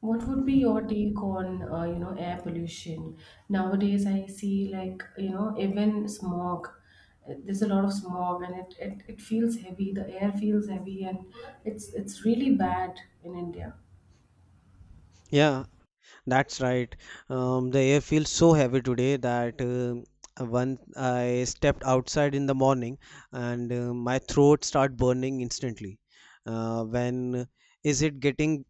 What would be your take on air pollution? Nowadays, I see like even smog. There's a lot of smog, and it feels heavy. The air feels heavy, and it's really bad in India. Yeah, that's right. The air feels so heavy today that when I stepped outside in the morning and my throat start burning instantly. When is it getting?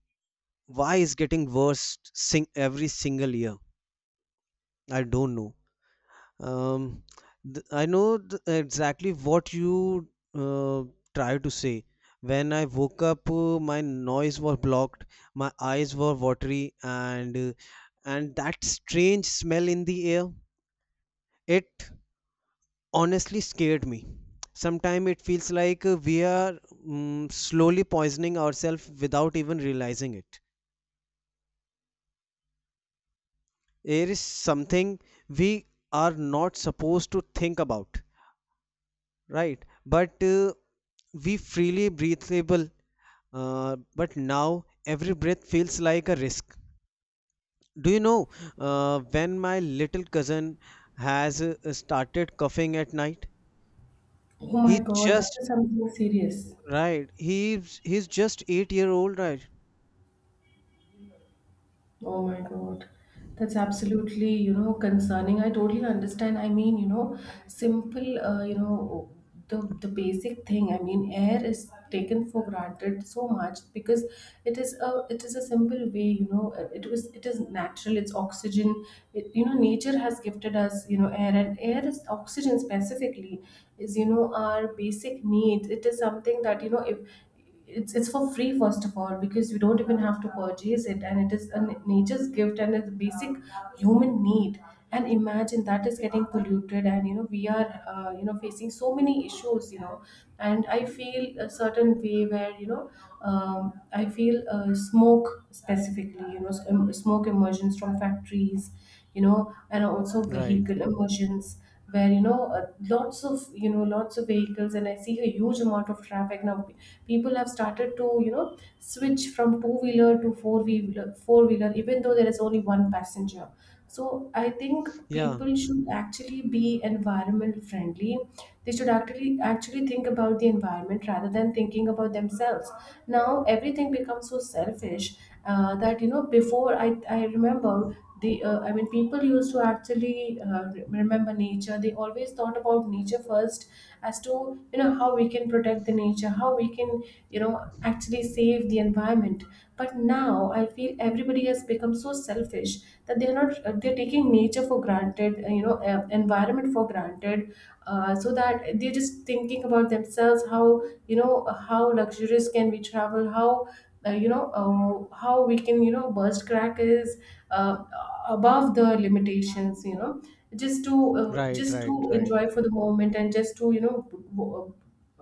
Why is getting worse? Sing every single year. I don't know. Um, I know exactly what you uh, try to say. When I woke up, my noise was blocked, my eyes were watery, and that strange smell in the air, it honestly scared me. Sometimes it feels like we are slowly poisoning ourselves without even realizing it. Air is something we are not supposed to think about, right? But we freely breathable, but now every breath feels like a risk. Do you know, when my little cousin has started coughing at night, Oh my he God, that just... is something serious. Right, he's just 8-year old, right? Oh my God. That's absolutely, concerning. I totally understand. I mean, simple, the basic thing. I mean, air is taken for granted so much because it is a simple way, it is natural. It's oxygen. Nature has gifted us, air, and air is oxygen specifically, is, our basic need. It is something that, if it's for free, first of all, because we don't even have to purchase it, and it is a nature's gift, and it's a basic human need. And imagine that is getting polluted, and we are facing so many issues. And I feel a certain way, where I feel, smoke specifically, smoke emersions from factories, and also Right. vehicle emersions, where lots of vehicles, and I see a huge amount of traffic now. People have started to switch from two wheeler to four wheeler, even though there is only one passenger. So I think Yeah. people should actually be environment friendly. They should actually think about the environment, rather than thinking about themselves. Now everything becomes so selfish, that before, I remember, the I mean, people used to actually remember nature. They always thought about nature first, as to how we can protect the nature, how we can actually save the environment. But now I feel everybody has become so selfish, that they're not, they're taking nature for granted, environment for granted, so that they're just thinking about themselves, how how luxurious can we travel, how how we can burst crackers, uh, above the limitations, just to uh, Right, just right, to right. enjoy for the moment, and just to w- uh,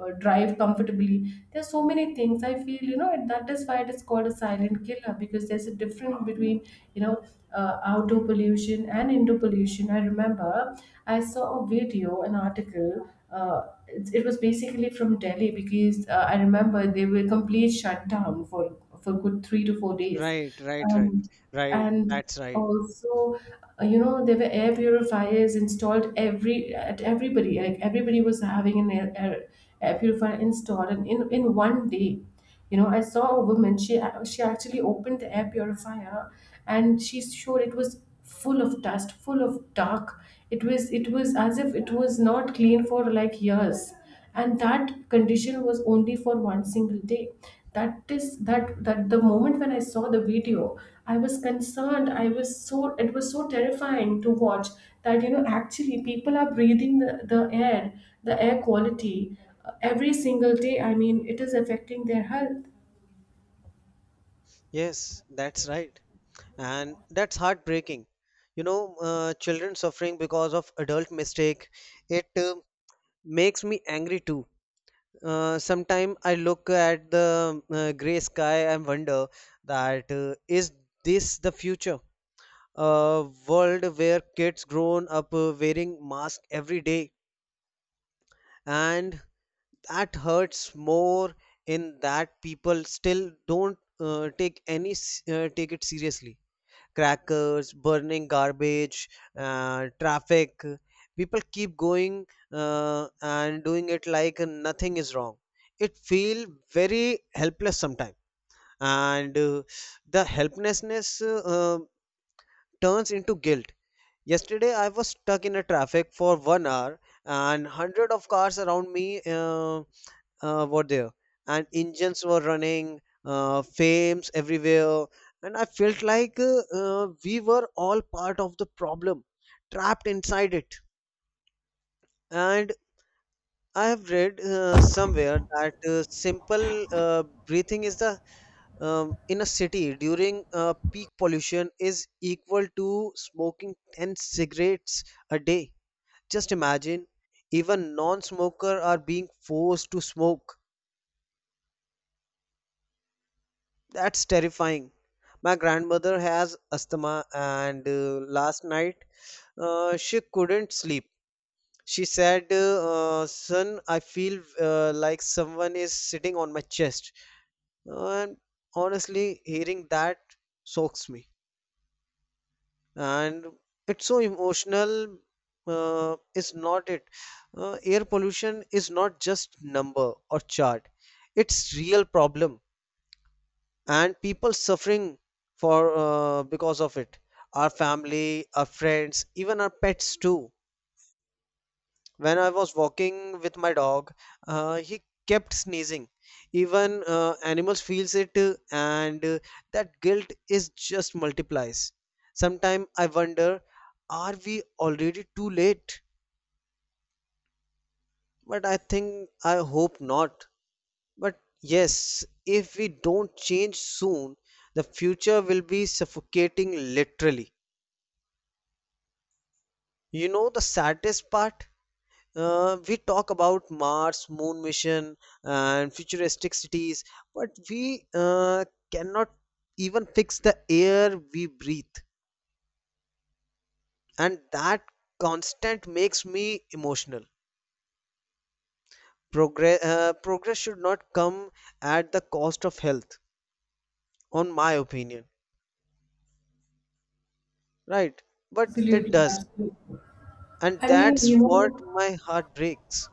drive comfortably. There's so many things, I feel, and that is why it is called a silent killer, because there's a difference between, you know outdoor pollution and indoor pollution. I remember, I saw a video, an article. It was basically from Delhi, because I remember they were complete shut down for good 3 to 4 days. Right, right, right. and Right. and That's right. also, there were air purifiers installed every at everybody, like everybody was having an air purifier installed, and in one day, I saw a woman. She actually opened the air purifier, and she showed it was full of dust, full of dark. It was as if it was not clean for like years. And that condition was only for one single day. That is that that the moment when I saw the video. I was concerned, I was so, it was so terrifying to watch, that actually people are breathing the air, the air quality, every single day. I mean, it is affecting their health. Yes, that's right. And that's heartbreaking. You know, children suffering because of adult mistake. It makes me angry too. Sometime I look at the gray sky and wonder that, is this the future? A world where kids grown up wearing masks every day, and that hurts more in that people still don't take any take it seriously. Crackers, burning garbage, traffic. People keep going and doing it like nothing is wrong. It feel very helpless sometimes, and the helplessness turns into guilt. Yesterday, I was stuck in a traffic for 1 hour, and hundred of cars around me. Were there, and engines were running, fames everywhere. And I felt like we were all part of the problem, trapped inside it. And I have read somewhere that simple breathing is the, in a city during peak pollution is equal to smoking 10 cigarettes a day. Just imagine, even non-smoker are being forced to smoke. That's terrifying. My grandmother has asthma, and last night she couldn't sleep. She said, "Son, I feel like someone is sitting on my chest." And honestly, hearing that soaks me. And it's so emotional, uh, is not it? Air pollution is not just number or chart. It's real problem. And people suffering for, because of it, our family, our friends, even our pets too. When I was walking with my dog, he kept sneezing. Even animals feels it, and that guilt is just multiplies. Sometimes I wonder, are we already too late? But I think, I hope not. But yes, if we don't change soon, the future will be suffocating, literally. You know the saddest part? We talk about Mars, moon mission, and futuristic cities, but we cannot even fix the air we breathe, and that constant makes me emotional. Progress should not come at the cost of health, on my opinion, right? But it Absolutely, does, absolutely. and I mean, that's what my heart breaks.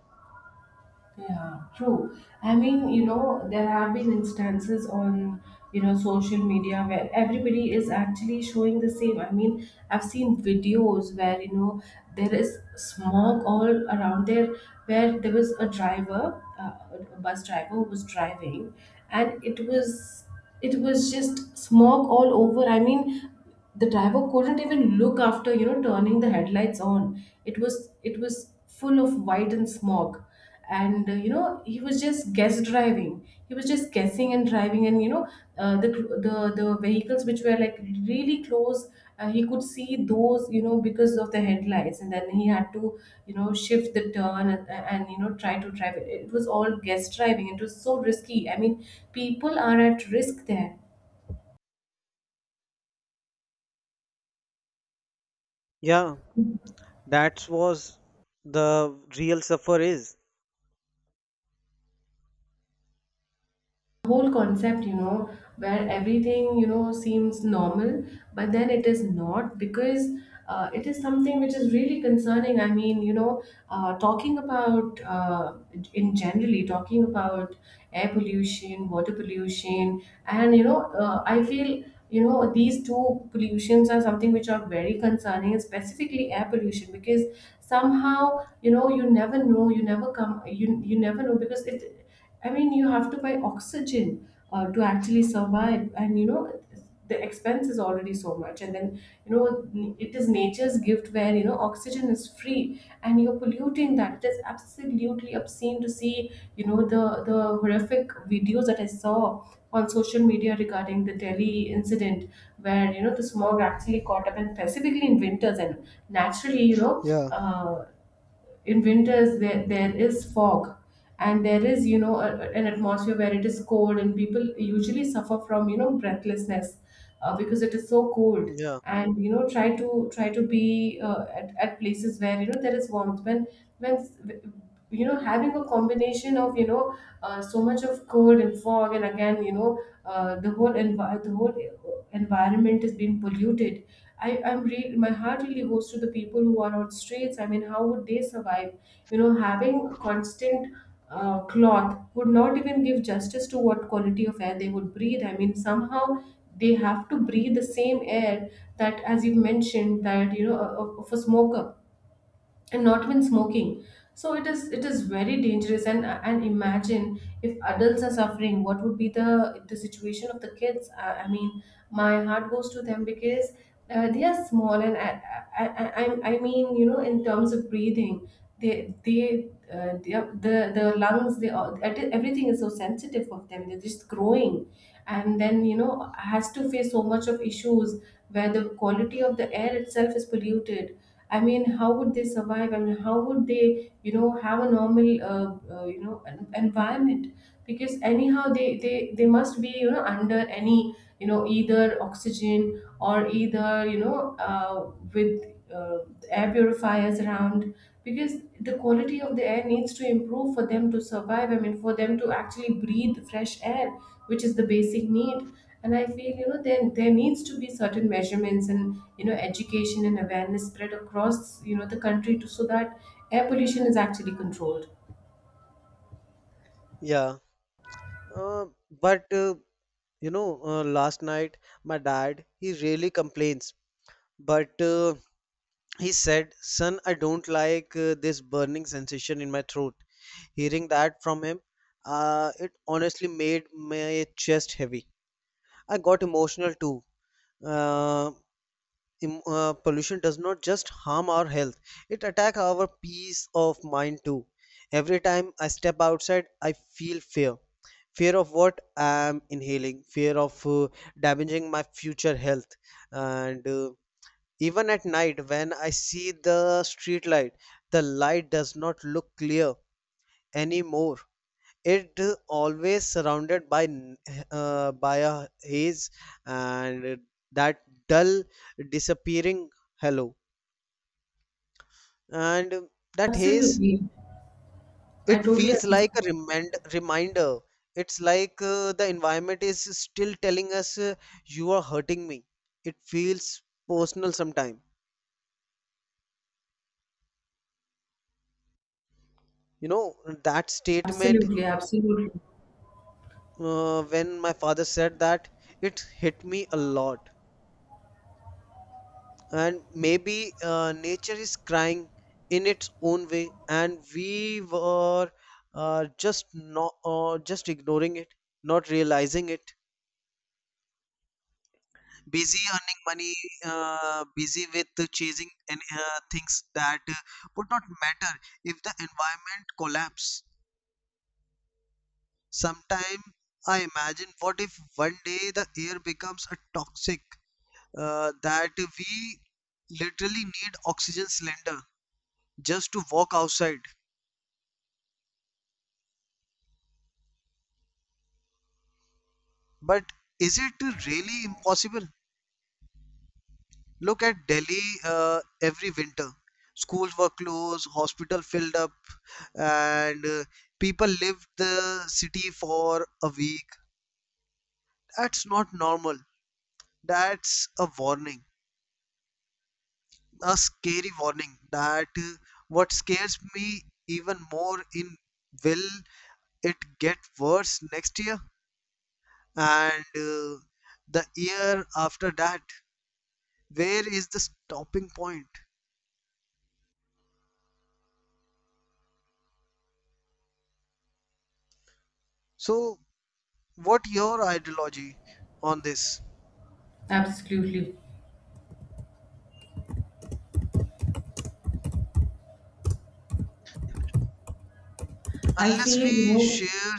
yeah, true. I mean, there have been instances on, social media, where everybody is actually showing the same. I mean, I've seen videos where, there is smog all around there, where there was a driver, a bus driver who was driving, and it was just smog all over. I mean, the driver couldn't even look after, turning the headlights on. It was full of white and smog, and he was just guess driving, he was just guessing and driving, and the vehicles which were like really close, he could see those, because of the headlights, and then he had to shift the turn, and try to drive it. It was all guess driving. It was so risky, I mean, people are at risk there. Yeah, that's was the real suffer is. Whole concept, where everything, seems normal, but then it is not, because it is something which is really concerning. I mean, talking about in generally talking about air pollution, water pollution, and I feel, these two pollutions are something which are very concerning, specifically air pollution, because somehow, you never know, you never know, because it, I mean, you have to buy oxygen to actually survive, and the expense is already so much. And then, it is nature's gift, where oxygen is free, and you're polluting that. It is absolutely obscene to see, the horrific videos that I saw on social media regarding the Delhi incident, where the smog actually caught up, and specifically in winters. And naturally, Yeah. uh, in winters there is fog, and there is, an atmosphere where it is cold, and people usually suffer from, breathlessness, because it is so cold. Yeah, And try to be at places where there is warmth, when, having a combination of, so much of cold and fog, and again, the whole environment is being polluted. My heart really goes to the people who are on streets. I mean, how would they survive? You know, having a constant cloth would not even give justice to what quality of air they would breathe. I mean, somehow they have to breathe the same air, that, as you mentioned, that, of a smoker, and not when smoking. So it is very dangerous, and imagine, if adults are suffering, what would be the situation of the kids. I mean, my heart goes to them, because they are small. And I I mean, in terms of breathing, they the lungs, they all everything is so sensitive of them. They're just growing, and then, has to face so much of issues, where the quality of the air itself is polluted. I mean, how would they survive? I mean, how would they, have a normal environment, because anyhow they must be, under any, either oxygen or either, with uh, air purifiers around, because the quality of the air needs to improve for them to survive. I mean, for them to actually breathe fresh air, which is the basic need. And I feel, there needs to be certain measurements, and education and awareness spread across, the country, to, so that air pollution is actually controlled. yeah. Uh, but last night my dad, he really complains, but he said, "Son, I don't like this burning sensation in my throat." Hearing that from him, it honestly made my chest heavy. I got emotional too. Uh, Pollution does not just harm our health; it attacks our peace of mind too. Every time I step outside, I feel fear, fear of what I'm inhaling, fear of damaging my future health. And even at night when I see the street light, the light does not look clear anymore. It always surrounded by by a haze, and that dull, disappearing hello, and that haze. Absolutely. I It totally feels like understand. a reminder. It's like the environment is still telling us, you are hurting me. It feels personal sometime. You know, that statement, Absolutely, absolutely. When my father said that, it hit me a lot. And maybe nature is crying in its own way, and we were just not, just ignoring it, not realizing it. Busy earning money, busy with chasing and things that would not matter if the environment collapse. Sometime I imagine, what if one day the air becomes a toxic that we literally need oxygen cylinder just to walk outside. But is it really impossible? Look at Delhi every winter. Schools were closed, hospital filled up, and people lived the city for a week. That's not normal. That's a warning, a scary warning. That what scares me even more in, will it get worse next year and the year after that? Where is the stopping point? So, what your ideology on this, Absolutely, I unless feel, we share?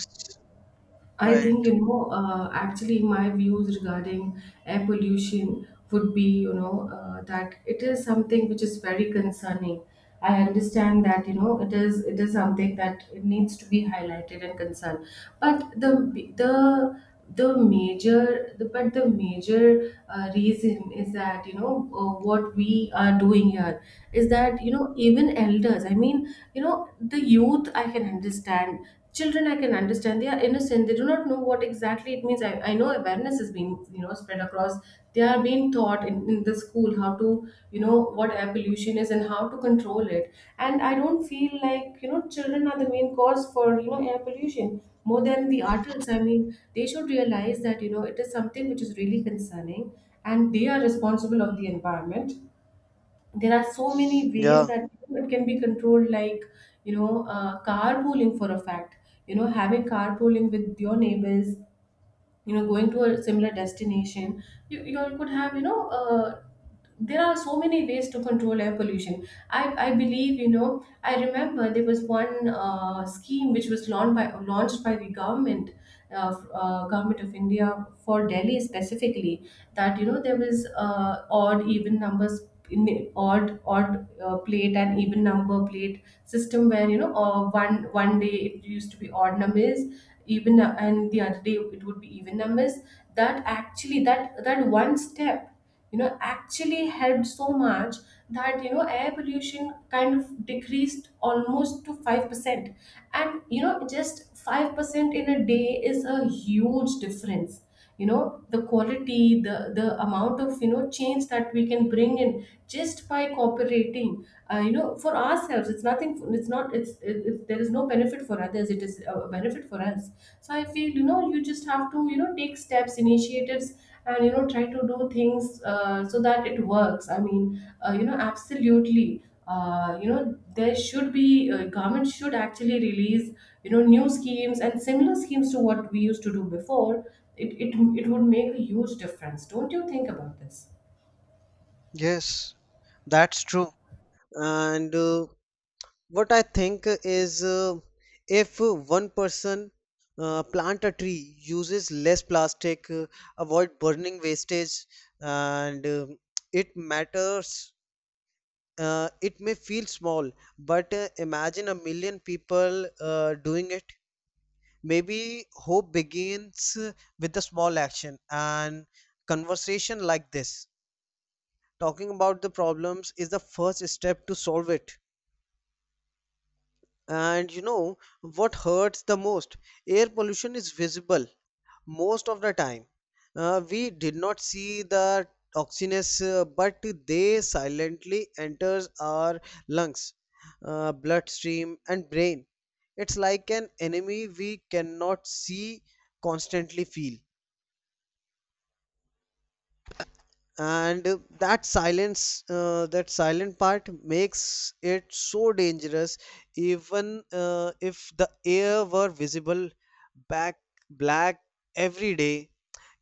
I Right. think, actually, my views regarding air pollution would be, that it is something which is very concerning. I understand that, it is something that it needs to be highlighted and concerned. But the the major reason is that what we are doing here is that even elders, I mean the youth I can understand. Children I can understand, they are innocent, they do not know what exactly it means. I know awareness is being spread across. They are being taught in the school how to what air pollution is and how to control it. And I don't feel like children are the main cause for air pollution more than the adults. I mean, they should realize that it is something which is really concerning and they are responsible of the environment. There are so many ways Yeah. that it can be controlled, like carpooling, for a fact. You know, having carpooling with your neighbors, going to a similar destination, you all could have there are so many ways to control air pollution. I i believe I remember there was one scheme which was launched by the government, government of India, for Delhi specifically. That there was odd even numbers in, odd odd plate and even number plate system, where one one day it used to be odd numbers, even and the other day it would be even numbers. That actually, that one step actually helped so much that air pollution kind of decreased almost to 5%. And just 5% in a day is a huge difference. You know, the quality, the amount of change that we can bring in just by cooperating for ourselves. It's nothing, it's not, there is no benefit for others, it is a benefit for us. So I feel you just have to take steps, initiatives, and try to do things so that it works. I mean absolutely, there should be, government should actually release new schemes and similar schemes to what we used to do before. It would make a huge difference. Don't you think about this? Yes. That's true. And what I think is, if one person plant a tree, uses less plastic, avoid burning wastage, and it matters. It may feel small, but imagine a million people doing it. Maybe hope begins with a small action and conversation like this. Talking about the problems is the first step to solve it. And you know what hurts the most? Air pollution is visible most of the time. We did not see the toxins, but they silently enters our lungs, bloodstream, and brain. It's like an enemy we cannot see, constantly feel. And that silent part makes it so dangerous, even if the air were visible, back black every day,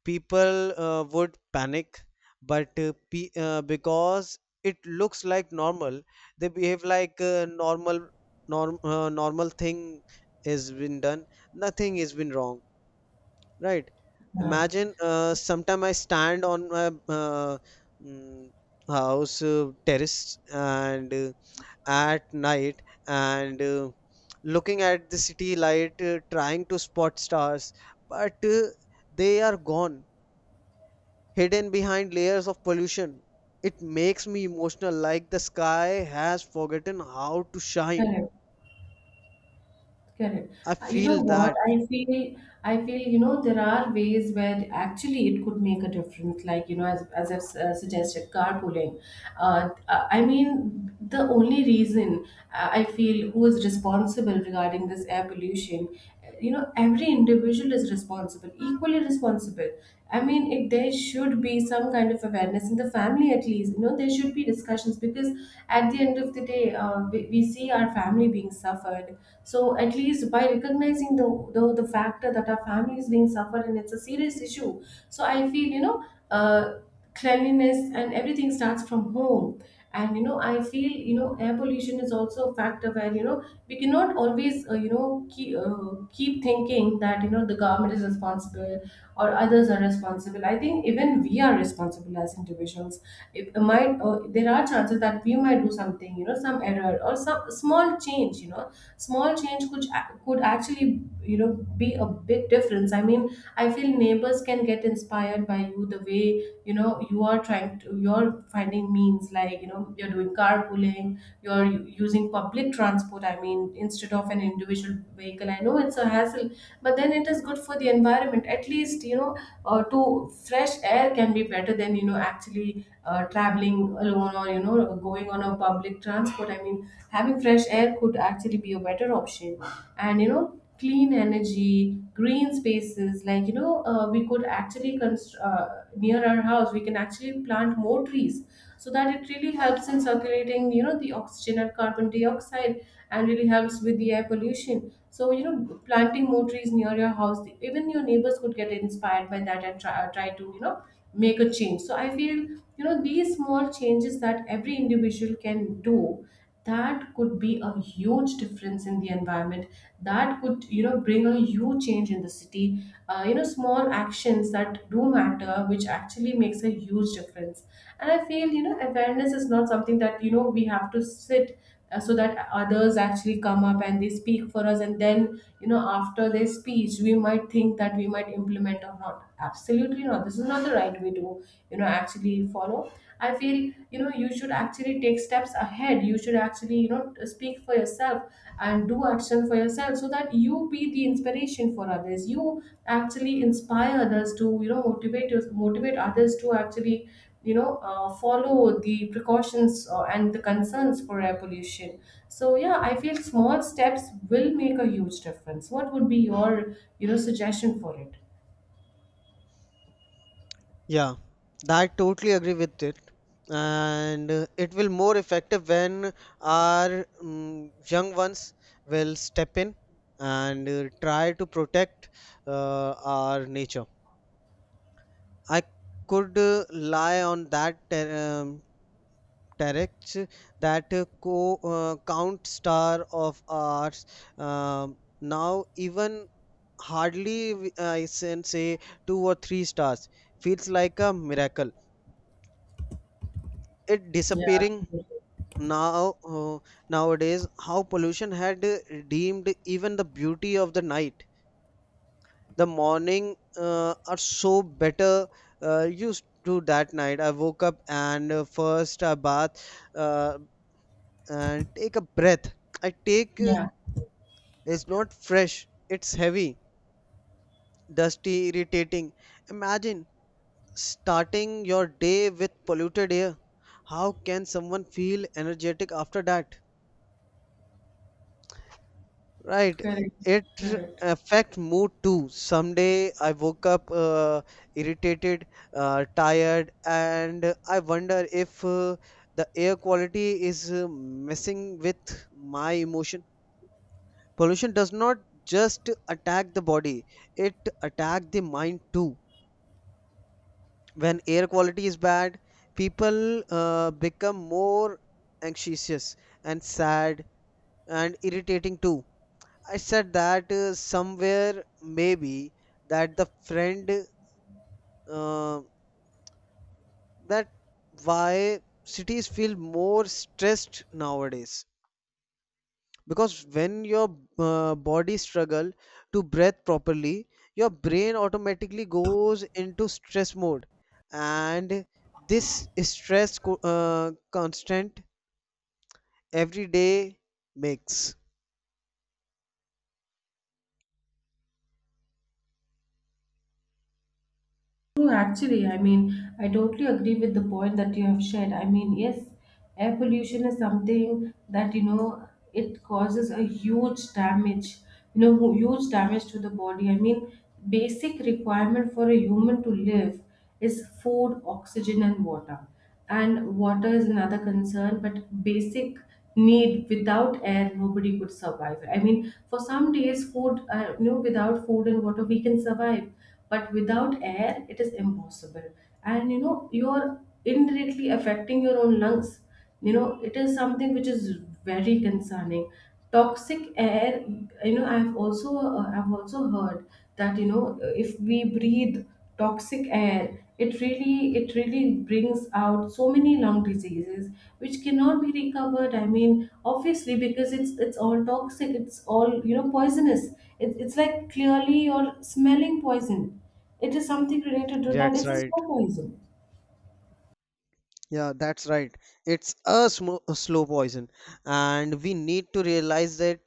people would panic. But because it looks like normal, they behave like normal, normal thing has been done, nothing has been wrong. Right. Yeah. Imagine sometime I stand on my mm, house terrace, and at night, and looking at the city light, trying to spot stars, but they are gone, hidden behind layers of pollution. It makes me emotional, like the sky has forgotten how to shine. Correct. Correct. I You know feel what? that. I feel, there are ways where actually it could make a difference. Like, as I've suggested, carpooling. I mean, the only reason I feel, who is responsible regarding this air pollution, every individual is responsible, equally responsible. I mean, there should be some kind of awareness in the family, at least. You know, there should be discussions, because at the end of the day, we see our family being suffered. So at least by recognizing the factor that our family is being suffered and it's a serious issue. So I feel uh, cleanliness and everything starts from home. And I feel air pollution is also a factor where we cannot always keep thinking that the government is responsible or others are responsible. I think even we are responsible as individuals. It might, there are chances that we might do something, some error or some small change. You know, small change could actually you know be a big difference. I mean, I feel neighbors can get inspired by you, the way you are trying to, you're finding means like you're doing carpooling, you're using public transport, I mean instead of an individual vehicle. I know it's a hassle, but then it is good for the environment, at least. To fresh air can be better than actually traveling alone or going on a public transport. I mean, having fresh air could actually be a better option. And clean energy, green spaces, like we could actually near our house we can actually plant more trees, so that it really helps in circulating the oxygen and carbon dioxide, and really helps with the air pollution. So planting more trees near your house, even your neighbors could get inspired by that and try to make a change. So I feel these small changes that every individual can do, that could be a huge difference in the environment, that could bring a huge change in the city. You know, small actions that do matter, which actually makes a huge difference. And I feel awareness is not something that we have to sit, so that others actually come up and they speak for us, and then after their speech we might think that we might implement or not. Absolutely not. This is not the right way to actually follow. I feel you should actually take steps ahead. You should actually speak for yourself and do action for yourself, so that you be the inspiration for others. You actually inspire others to motivate motivate others to actually follow the precautions, and the concerns for air pollution. So yeah, I feel small steps will make a huge difference. What would be your suggestion for it? Yeah, that totally agree with it. And it will more effective when our young ones will step in and try to protect our nature. I could lie on that terrex that co count star of ours. Now even hardly I can say two or three stars. Feels like a miracle. It Yeah, disappearing. absolutely. Now, nowadays, how pollution had redeemed even the beauty of the night. The morning are so better used to that night. I woke up and first I bath uh, and take a breath. I take, Yeah. it's not fresh. It's heavy, dusty, irritating. Imagine starting your day with polluted air. How can someone feel energetic after that? Right. Correct. It Correct. affect mood too. Someday I woke up irritated, tired, and I wonder if the air quality is messing with my emotion. Pollution does not just attack the body, it attack the mind too. When air quality is bad, people become more anxious and sad and irritating too. I said that somewhere maybe, that the friend, uh, that why cities feel more stressed nowadays, because when your body struggle to breathe properly, your brain automatically goes into stress mode, and this stress, constant every day, makes. True, actually, I mean, I totally agree with the point that you have shared. I mean, yes, air pollution is something that, it causes a huge damage, huge damage to the body. I mean, basic requirement for a human to live is food, oxygen, and water. And water is another concern, but basic need, without air, nobody could survive. I mean, for some days food, without food and water, we can survive, but without air it is impossible. And you are indirectly affecting your own lungs. You know, it is something which is very concerning. Toxic air, I've also heard that if we breathe toxic air, it really brings out so many lung diseases which cannot be recovered. I mean, obviously, because it's all toxic, it's all poisonous. It's like clearly you're smelling poison. It is something related to that. That's It's a right. slow poison. Yeah, that's right. It's a, sm a slow poison, and we need to realize that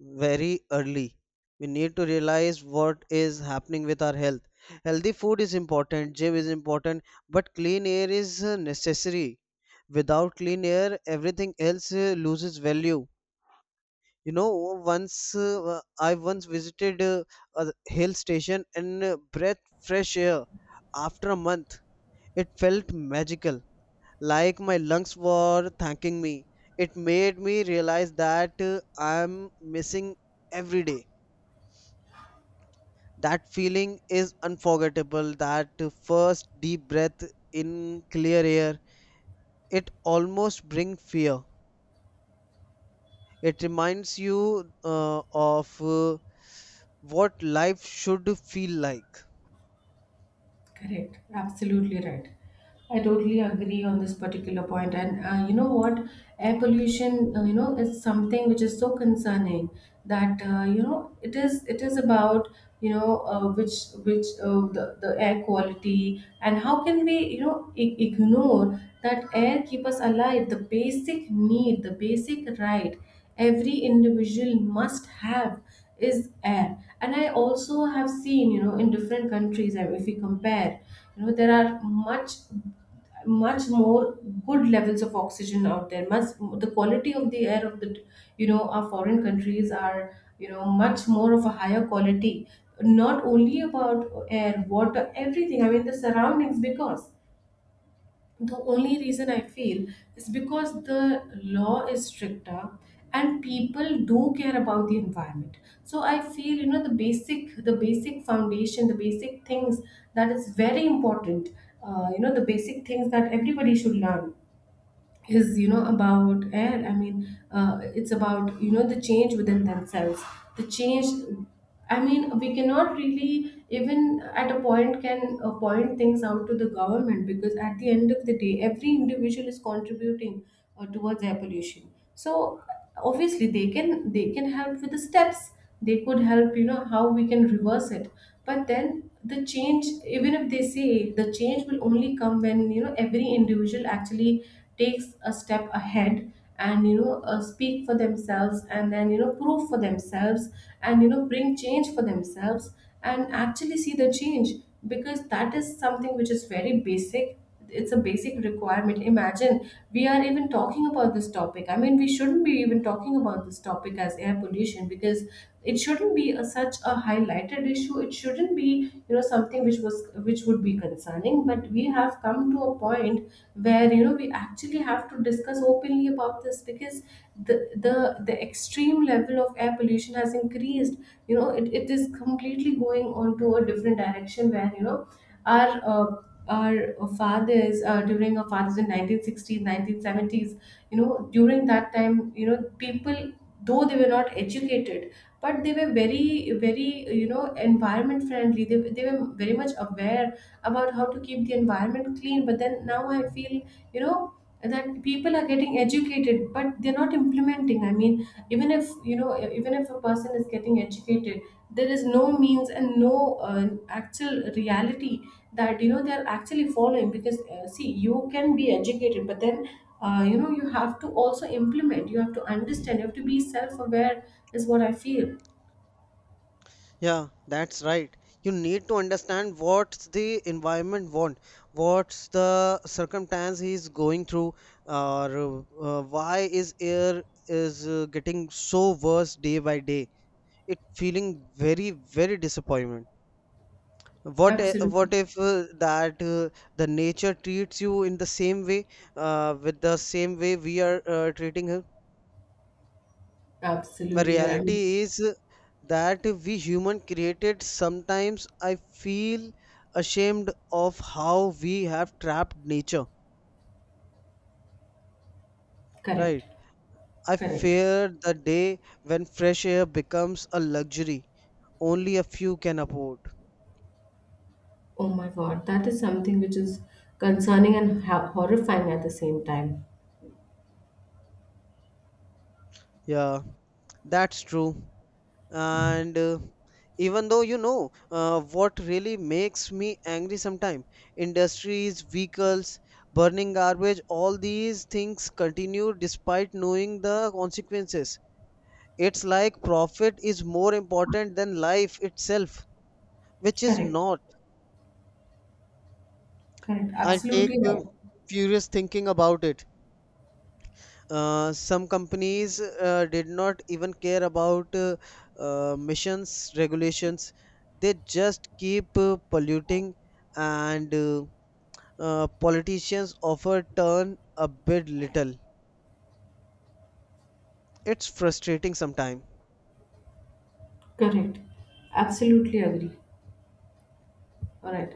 very early. We need to realize what is happening with our health. Healthy food is important, gym is important, but clean air is necessary. Without clean air, everything else loses value. You know, once I once visited a hill station and breath fresh air after a month. It felt magical, like my lungs were thanking me. It made me realize that I'm missing every day. That feeling is unforgettable. That first deep breath in clear air, it almost brings fear. It reminds you of what life should feel like. Correct. Absolutely right. I totally agree on this particular point. And you know what? Air pollution, is something which is so concerning that it is about you know uh, which which the air quality, and how can we ignore that air keep us alive. The basic need, the basic right every individual must have, is air. And I also have seen in different countries, if we compare, there are much more good levels of oxygen out there. Much, the quality of the air of the, our foreign countries are much more of a higher quality. Not only about air, water, everything, I mean the surroundings, because the only reason I feel is because the law is stricter and people do care about the environment. So I feel, the basic foundation, the basic things, that is very important. The basic things that everybody should learn is about air. I mean it's about the change within themselves, the change. I mean, we cannot really, even at a point, can point things out to the government, because at the end of the day every individual is contributing towards air pollution. So obviously they can help with the steps, they could help how we can reverse it. But then the change, even if they say, the change will only come when every individual actually takes a step ahead and speak for themselves, and then prove for themselves, and bring change for themselves, and actually see the change. Because that is something which is very basic. It's a basic requirement. Imagine, we are even talking about this topic. I mean, we shouldn't be even talking about this topic as air pollution, because it shouldn't be a, such a highlighted issue. It shouldn't be something which was, which would be concerning. But we have come to a point where we actually have to discuss openly about this, because the the the extreme level of air pollution has increased. You know, it is completely going on to a different direction, where our uh, our fathers, during our fathers in 1960s 1970s, during that time people, though they were not educated, but they were very, very environment friendly. They were very much aware about how to keep the environment clean. But then now I feel you know that people are getting educated but they're not implementing. I mean, even if even if a person is getting educated, there is no means and no actual reality that they're actually following. Because see, you can be educated, but then you have to also implement, you have to understand, you have to be self-aware, is what I feel. Yeah, that's right. You need to understand what's the environment want, what's the circumstance he's going through, or why is air is getting so worse day by day. It feeling very very disappointment. Absolutely. What if that the nature treats you in the same way, with the same way we are treating her? The Absolutely, I mean. reality is that we human created, sometimes I feel ashamed of how we have trapped nature, Correct. right? I Correct. fear the day when fresh air becomes a luxury only a few can afford. Oh my god, that is something which is concerning and horrifying at the same time. Yeah, that's true. And even though what really makes me angry sometimes, industries, vehicles, burning garbage, all these things continue despite knowing the consequences. It's like profit is more important than life itself, which is Correct. not. Correct. I take Absolutely right. Furious thinking about it. Some companies did not even care about missions regulations. They just keep polluting, and politicians often turn a bit little. It's frustrating sometimes. Correct. Absolutely agree. All right.